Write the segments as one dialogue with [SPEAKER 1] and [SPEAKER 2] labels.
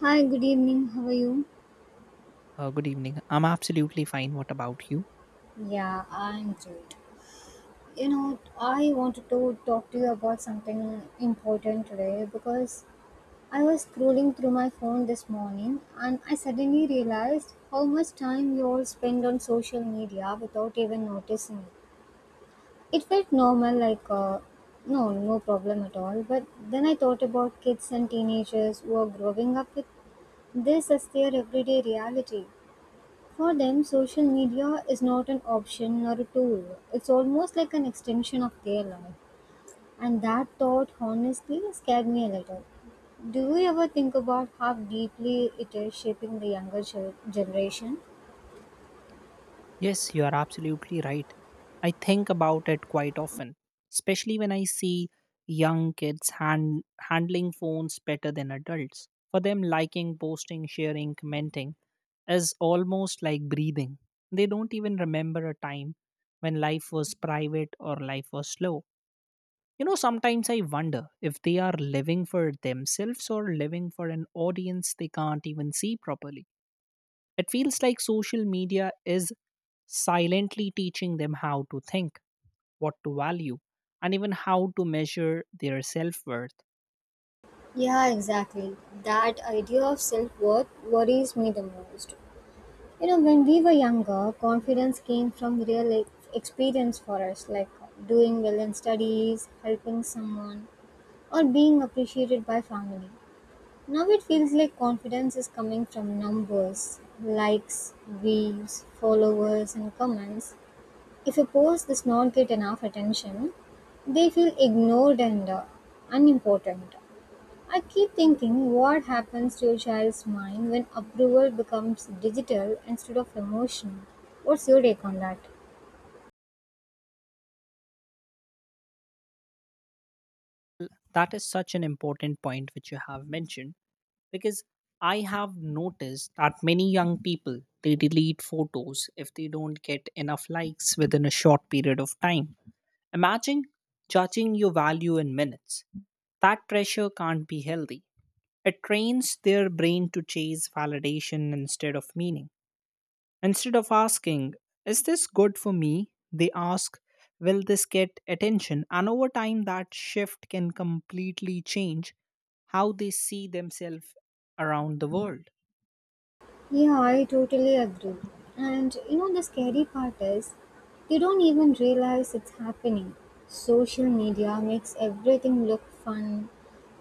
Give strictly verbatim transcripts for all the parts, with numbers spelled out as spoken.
[SPEAKER 1] Hi, good evening. How are you?
[SPEAKER 2] Uh, good evening. I'm absolutely fine. What about you?
[SPEAKER 1] Yeah, I'm great. You know, I wanted to talk to you about something important today because I was scrolling through my phone this morning and I suddenly realized how much time we all spend on social media without even noticing it. It felt normal, like, uh, no, no problem at all. But then I thought about kids and teenagers who are growing up with this as their everyday reality. For them, social media is not an option or a tool. It's almost like an extension of their life. And that thought honestly scared me a little. Do you ever think about how deeply it is shaping the younger gen- generation?
[SPEAKER 2] Yes, you are absolutely right. I think about it quite often, especially when I see young kids hand, handling phones better than adults. For them, liking, posting, sharing, commenting is almost like breathing. They don't even remember a time when life was private or life was slow. You know, sometimes I wonder if they are living for themselves or living for an audience they can't even see properly. It feels like social media is silently teaching them how to think, what to value, and even how to measure their self worth.
[SPEAKER 1] Yeah, exactly. That idea of self worth worries me the most. You know, when we were younger, confidence came from real e- experience for us, like doing well in studies, helping someone, or being appreciated by family. Now it feels like confidence is coming from numbers, likes, views, followers, and comments. If a post does not get enough attention, they feel ignored and uh, unimportant. I keep thinking what happens to a child's mind when approval becomes digital instead of emotional. What's your take on that?
[SPEAKER 2] That is such an important point which you have mentioned, because I have noticed that many young people they delete photos if they don't get enough likes within a short period of time. Imagine judging your value in minutes. That pressure can't be healthy. It trains their brain to chase validation instead of meaning. Instead of asking, Is this good for me? They ask, Will this get attention? And over time, that shift can completely change how they see themselves around the world.
[SPEAKER 1] Yeah, I totally agree. And you know, the scary part is they don't even realize it's happening. Social media makes everything look fun,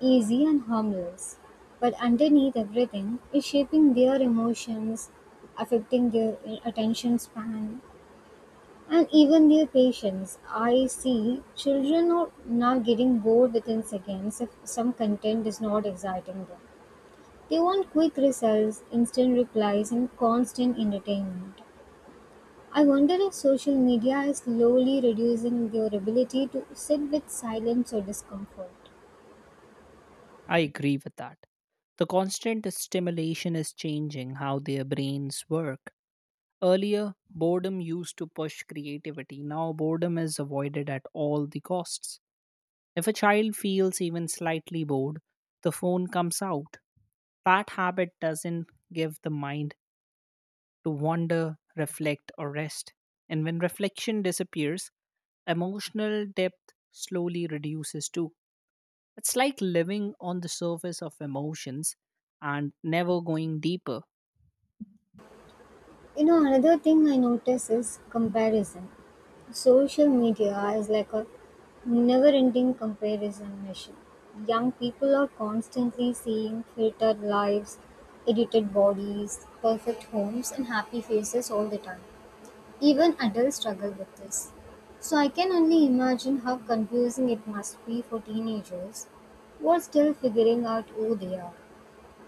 [SPEAKER 1] easy, and harmless. But underneath everything is shaping their emotions, affecting their uh, attention span, and even their patience. I see children are now getting bored within seconds if some content is not exciting them. They want quick results, instant replies, and constant entertainment. I wonder if social media is slowly reducing their ability to sit with silence or discomfort.
[SPEAKER 2] I agree with that. The constant stimulation is changing how their brains work. Earlier, boredom used to push creativity. Now, boredom is avoided at all the costs. If a child feels even slightly bored, the phone comes out. That habit doesn't give the mind to wander, reflect, or rest. And when reflection disappears, emotional depth slowly reduces too. It's like living on the surface of emotions and never going deeper.
[SPEAKER 1] You know, another thing I notice is comparison. Social media is like a never ending comparison machine. Young people are constantly seeing filtered lives, edited bodies, perfect homes, and happy faces all the time. Even adults struggle with this. So I can only imagine how confusing it must be for teenagers who are still figuring out who they are.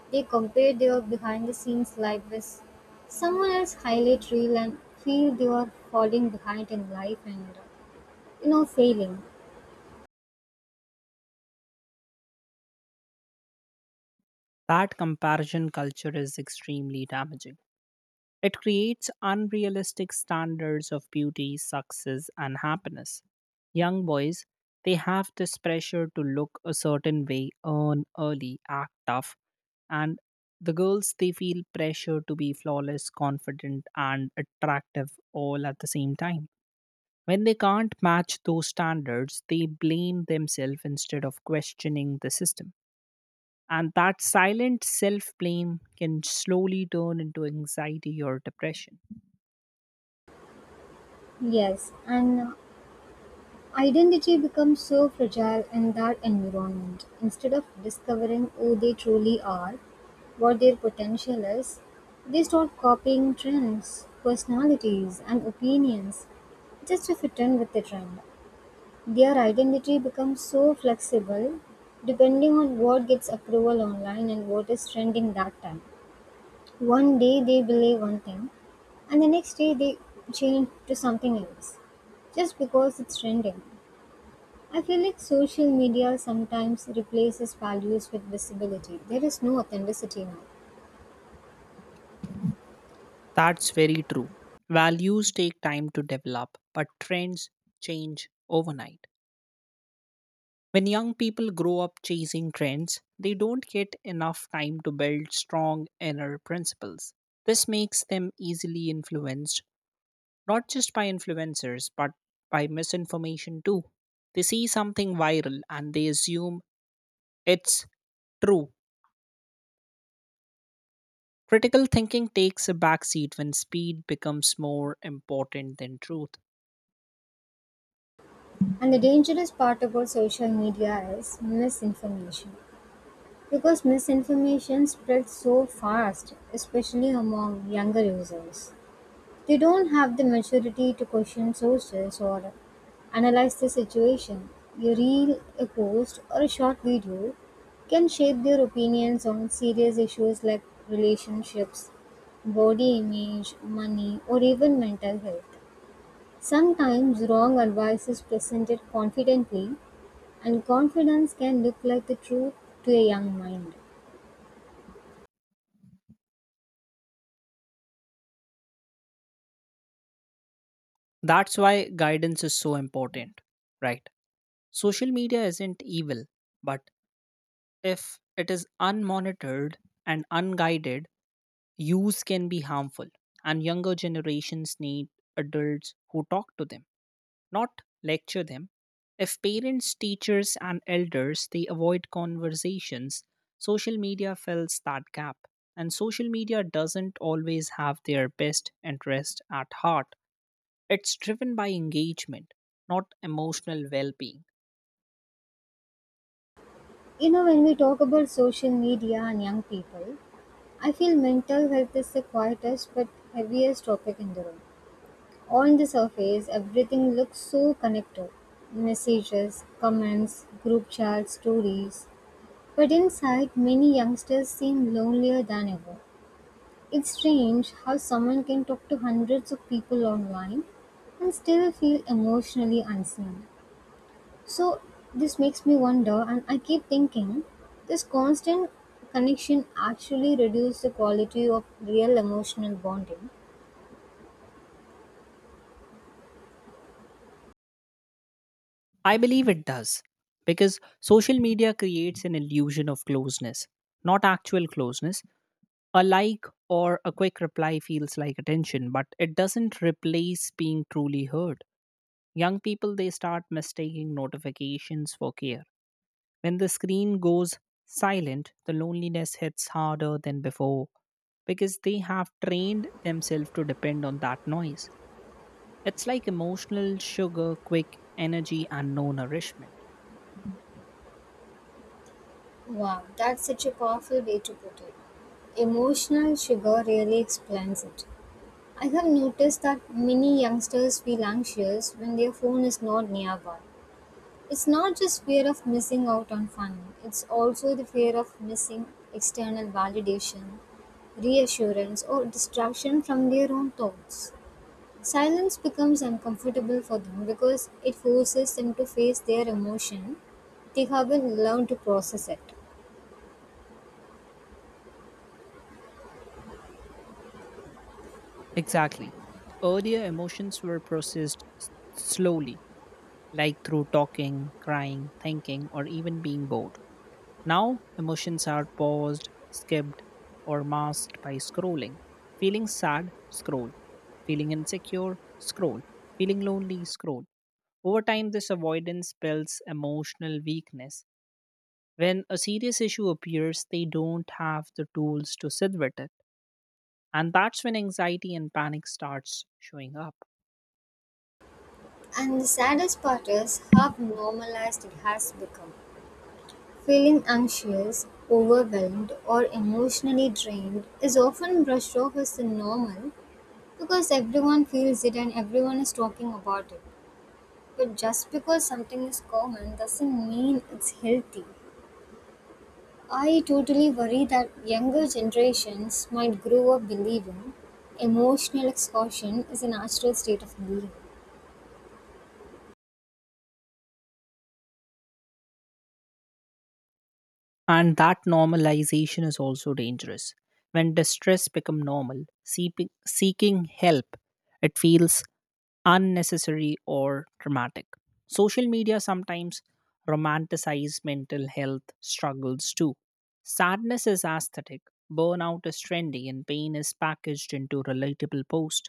[SPEAKER 1] They compare their behind the scenes life with someone else's highlight reel and feel they are falling behind in life and you know failing.
[SPEAKER 2] That comparison culture is extremely damaging. It creates unrealistic standards of beauty, success, and happiness. Young boys, they have this pressure to look a certain way, earn early, act tough, and the girls, they feel pressure to be flawless, confident, and attractive all at the same time. When they can't match those standards, they blame themselves instead of questioning the system. And that silent self blame can slowly turn into anxiety or depression.
[SPEAKER 1] Yes, and identity becomes so fragile in that environment. Instead of discovering who they truly are, what their potential is, they start copying trends, personalities, and opinions just to fit in with the trend. Their identity becomes so flexible depending on what gets approval online and what is trending that time. One day they believe one thing, and the next day they change to something else just because it's trending. I feel like social media sometimes replaces values with visibility. There is no authenticity now.
[SPEAKER 2] That's very true. Values take time to develop, but trends change overnight. When young people grow up chasing trends, they don't get enough time to build strong inner principles. This makes them easily influenced, not just by influencers, but by misinformation too. They see something viral and they assume it's true. Critical thinking takes a backseat when speed becomes more important than truth.
[SPEAKER 1] And the dangerous part about social media is misinformation. Because misinformation spreads so fast, especially among younger users. They don't have the maturity to question sources or analyze the situation. A reel, a post, or a short video can shape their opinions on serious issues like relationships, body image, money, or even mental health. Sometimes wrong advice is presented confidently, and confidence can look like the truth to a young mind.
[SPEAKER 2] That's why guidance is so important, right? Social media isn't evil, but if it is unmonitored and unguided, use can be harmful. And younger generations need adults who talk to them, not lecture them. If parents, teachers, and elders they avoid conversations, social media fills that gap. And social media doesn't always have their best interest at heart. It's driven by engagement, not emotional well being.
[SPEAKER 1] You know, when we talk about social media and young people, I feel mental health is the quietest but heaviest topic in the room. On the surface, everything looks so connected messages, comments, group chats, stories. But inside, many youngsters seem lonelier than ever. It's strange how someone can talk to hundreds of people online and still feel emotionally unseen. So this makes me wonder, and I keep thinking, this constant connection actually reduces the quality of real emotional bonding.
[SPEAKER 2] I believe it does because social media creates an illusion of closeness, not actual closeness. A like or a quick reply feels like attention, but it doesn't replace being truly heard. Young people, they start mistaking notifications for care. When the screen goes silent, the loneliness hits harder than before because they have trained themselves to depend on that noise. It's like emotional sugar, quick energy, and no nourishment.
[SPEAKER 1] Wow, that's such a powerful way to put it. Emotional sugar really explains it. I have noticed that many youngsters feel anxious when their phone is not nearby. It's not just fear of missing out on fun, it's also the fear of missing external validation, reassurance, or distraction from their own thoughts. Silence becomes uncomfortable for them because it forces them to face their emotion. They haven't learned to process it.
[SPEAKER 2] Exactly. Earlier emotions were processed s- slowly, like through talking, crying, thinking, or even being bored. Now, emotions are paused, skipped, or masked by scrolling. Feeling sad, scroll. Feeling insecure, scroll. Feeling lonely, scroll. Over time, this avoidance builds emotional weakness. When a serious issue appears, they don't have the tools to sit with it. And that's when anxiety and panic starts showing up.
[SPEAKER 1] And the saddest part is how normalized it has become. Feeling anxious, overwhelmed, or emotionally drained is often brushed off as the normal because everyone feels it and everyone is talking about it. But just because something is common doesn't mean it's healthy. I totally worry that younger generations might grow up believing emotional exhaustion is a natural state of being.
[SPEAKER 2] And that normalization is also dangerous. When distress becomes normal, seeping- seeking help, it feels unnecessary or traumatic. Social media sometimes romanticize mental health struggles too. Sadness is aesthetic, burnout is trendy, and pain is packaged into relatable posts.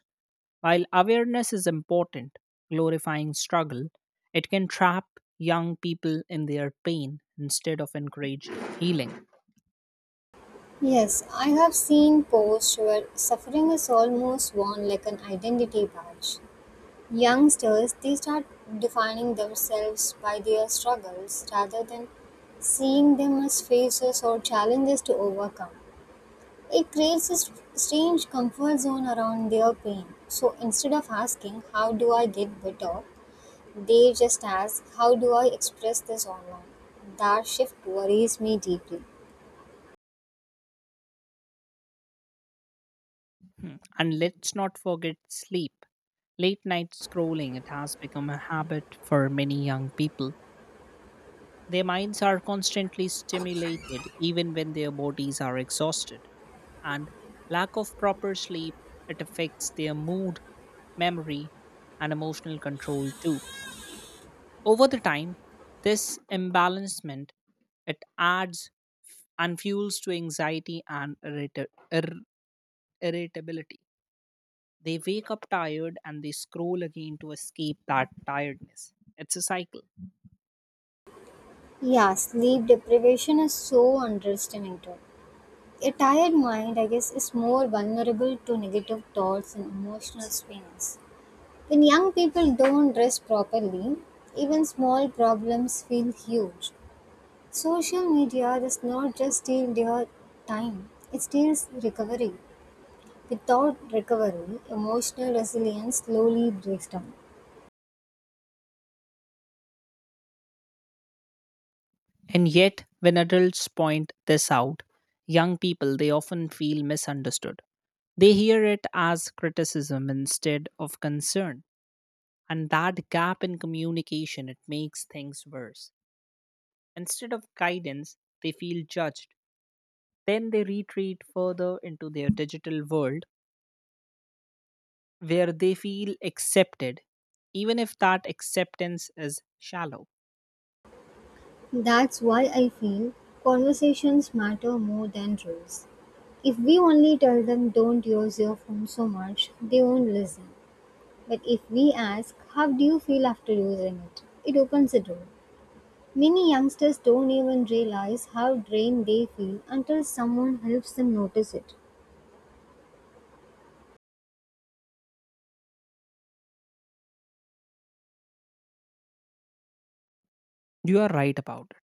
[SPEAKER 2] While awareness is important, glorifying struggle, it can trap young people in their pain instead of encourage healing.
[SPEAKER 1] Yes, I have seen posts where suffering is almost worn like an identity badge. Youngsters, they start defining themselves by their struggles rather than seeing them as phases or challenges to overcome. It creates a st- strange comfort zone around their pain. So instead of asking, how do I get better? They just ask, how do I express this online? That shift worries me deeply.
[SPEAKER 2] Hmm. And let's not forget sleep. Late night scrolling, it has become a habit for many young people. Their minds are constantly stimulated even when their bodies are exhausted, and lack of proper sleep it affects their mood, memory, and emotional control too. Over the time, this imbalancement it adds and fuels to anxiety and irrita- ir- irritability. They wake up tired and they scroll again to escape that tiredness. It's a cycle.
[SPEAKER 1] Yeah, sleep deprivation is so underestimated. A tired mind, I guess, is more vulnerable to negative thoughts and emotional swings. When young people don't rest properly, even small problems feel huge. Social media does not just steal their time, it steals recovery. Without recovery, emotional resilience slowly breaks down.
[SPEAKER 2] And yet, when adults point this out, young people they often feel misunderstood. They hear it as criticism instead of concern, and that gap in communication it makes things worse. Instead of guidance, they feel judged. Then they retreat further into their digital world where they feel accepted, even if that acceptance is shallow.
[SPEAKER 1] That's why I feel conversations matter more than rules. If we only tell them don't use your phone so much, they won't listen. But if we ask, how do you feel after using it? It opens a door. Many youngsters don't even realize how drained they feel until someone helps them notice it.
[SPEAKER 2] You are right about it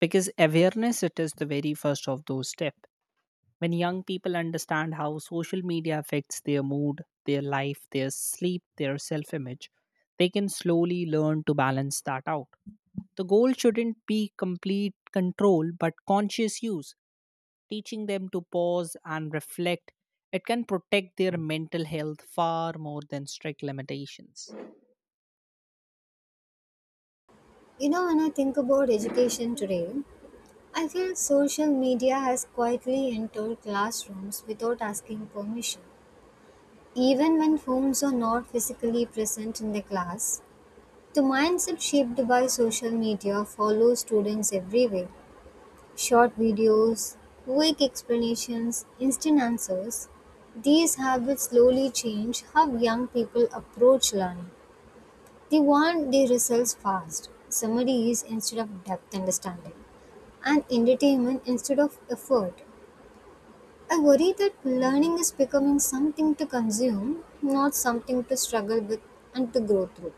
[SPEAKER 2] because awareness it is the very first of those steps. When young people understand how social media affects their mood, their life, their sleep, their self image, they can slowly learn to balance that out. The goal shouldn't be complete control but conscious use, teaching them to pause and reflect. It can protect their mental health far more than strict limitations.
[SPEAKER 1] You know, when I think about education today, I feel social media has quietly entered classrooms without asking permission. Even when homes are not physically present in the class, the mindset shaped by social media follows students everywhere. Short videos, quick explanations, instant answers. These habits slowly change how young people approach learning. They want their results fast, summaries instead of depth understanding, and entertainment instead of effort. I worry that learning is becoming something to consume, not something to struggle with and to grow through.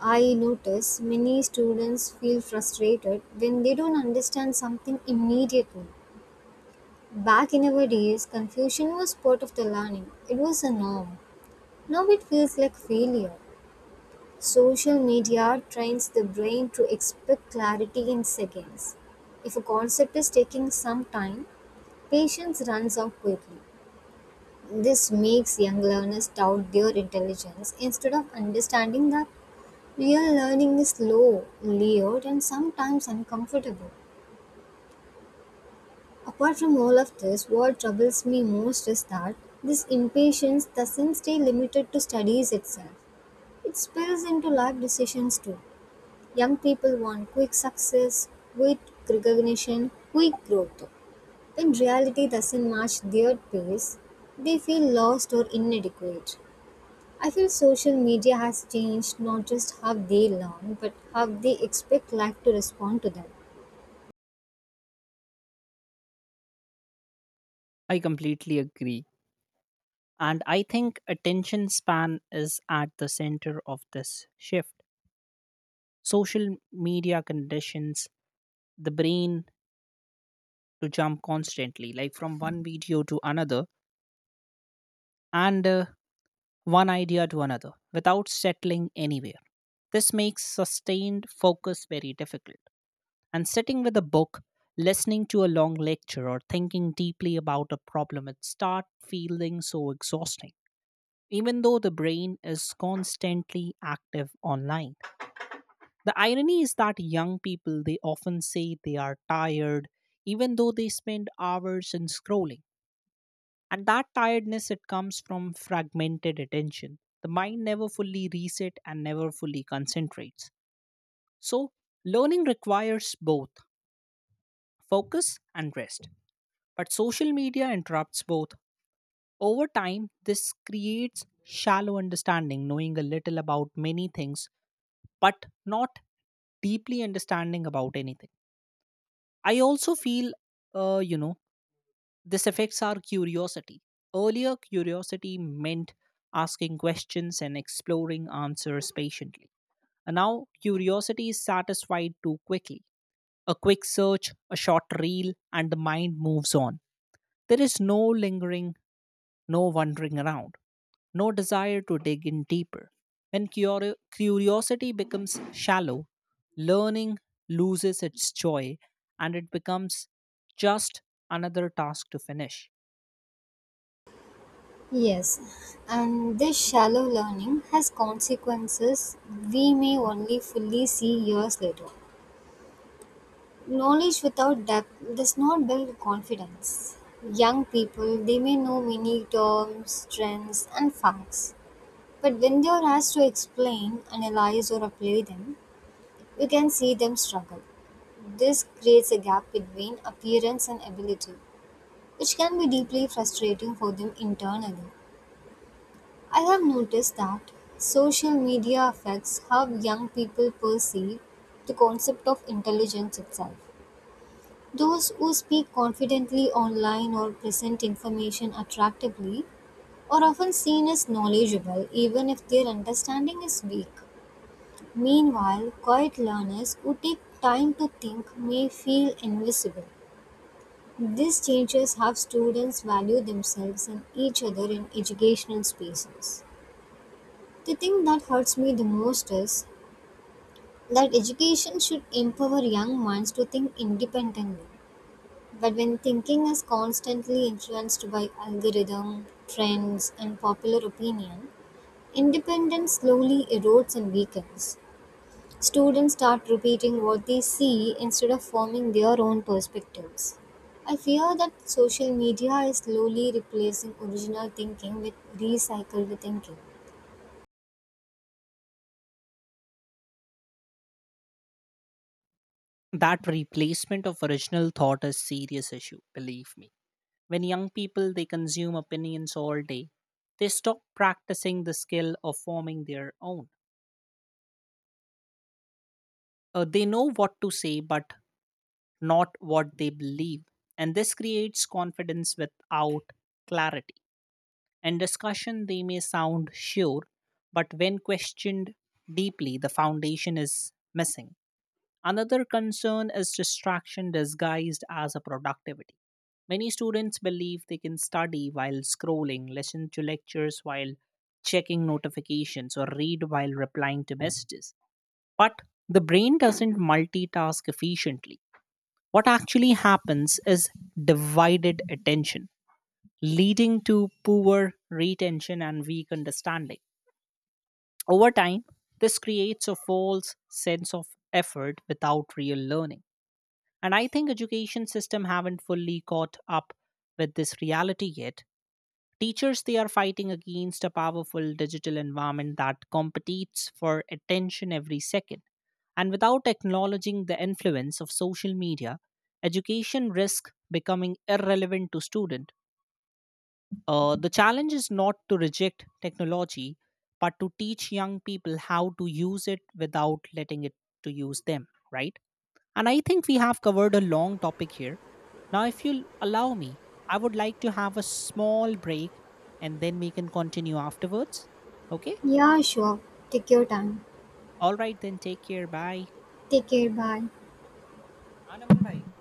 [SPEAKER 1] I notice many students feel frustrated when they don't understand something immediately. Back in our days, confusion was part of the learning, it was a norm. Now it feels like failure. Social media trains the brain to expect clarity in seconds. If a concept is taking some time, patience runs out quickly. This makes young learners doubt their intelligence instead of understanding that real learning is slow, layered, and sometimes uncomfortable. Apart from all of this, what troubles me most is that this impatience doesn't stay limited to studies itself. It spills into life decisions too. Young people want quick success, quick recognition, quick growth. When reality doesn't match their pace, they feel lost or inadequate. I feel social media has changed not just how they learn, but how they expect life to respond to them.
[SPEAKER 2] I completely agree. And I think attention span is at the center of this shift. Social media conditions the brain to jump constantly, like from one video to another, and uh, one idea to another without settling anywhere. This makes sustained focus very difficult. And sitting with a book, listening to a long lecture, or thinking deeply about a problem, it starts feeling so exhausting, even though the brain is constantly active online. The irony is that young people, they often say they are tired, even though they spend hours in scrolling. And that tiredness it comes from fragmented attention. The mind never fully reset and never fully concentrates. So learning requires both focus and rest. But social media interrupts both. Over time, this creates shallow understanding, knowing a little about many things, but not deeply understanding about anything. I also feel, uh, you know, this affects our curiosity. Earlier, curiosity meant asking questions and exploring answers patiently. And now, curiosity is satisfied too quickly. A quick search, a short reel, and the mind moves on. There is no lingering, no wandering around, no desire to dig in deeper. When curio- curiosity becomes shallow, learning loses its joy and it becomes just another task to finish.
[SPEAKER 1] Yes, and this shallow learning has consequences we may only fully see years later. Knowledge without depth does not build confidence. Young people, they may know many terms, trends, and facts, but when they are asked to explain, analyze, or apply them, you can see them struggle. This creates a gap between appearance and ability, which can be deeply frustrating for them internally. I have noticed that social media affects how young people perceive the concept of intelligence itself. Those who speak confidently online or present information attractively are often seen as knowledgeable, even if their understanding is weak. Meanwhile, quiet learners who take time to think may feel invisible. These changes have students value themselves and each other in educational spaces. The thing that hurts me the most is that education should empower young minds to think independently. But when thinking is constantly influenced by algorithm, trends, and popular opinion, independence slowly erodes and weakens. Students start repeating what they see instead of forming their own perspectives. I fear that social media is slowly replacing original thinking with recycled thinking.
[SPEAKER 2] That replacement of original thought is serious issue, believe me. When young people they consume opinions all day, they stop practicing the skill of forming their own. Uh, they know what to say but not what they believe, and this creates confidence without clarity. In discussion they may sound sure, but when questioned deeply the foundation is missing. Another concern is distraction disguised as a productivity. Many students believe they can study while scrolling, listen to lectures while checking notifications, or read while replying to messages. But the brain doesn't multitask efficiently. What actually happens is divided attention, leading to poor retention and weak understanding. Over time, this creates a false sense of effort without real learning. And I think education system haven't fully caught up with this reality yet. Teachers they are fighting against a powerful digital environment that competes for attention every second, and without acknowledging the influence of social media, education risk becoming irrelevant to student. Uh, the challenge is not to reject technology, but to teach young people how to use it without letting it to use them, right? And I think we have covered a long topic here. Now, if you'll allow me, I would like to have a small break, and then we can continue afterwards. Okay?
[SPEAKER 1] Yeah, sure. Take your time.
[SPEAKER 2] All right, then take care. Bye.
[SPEAKER 1] Take care. Bye.
[SPEAKER 2] हाँ, नमन भाई।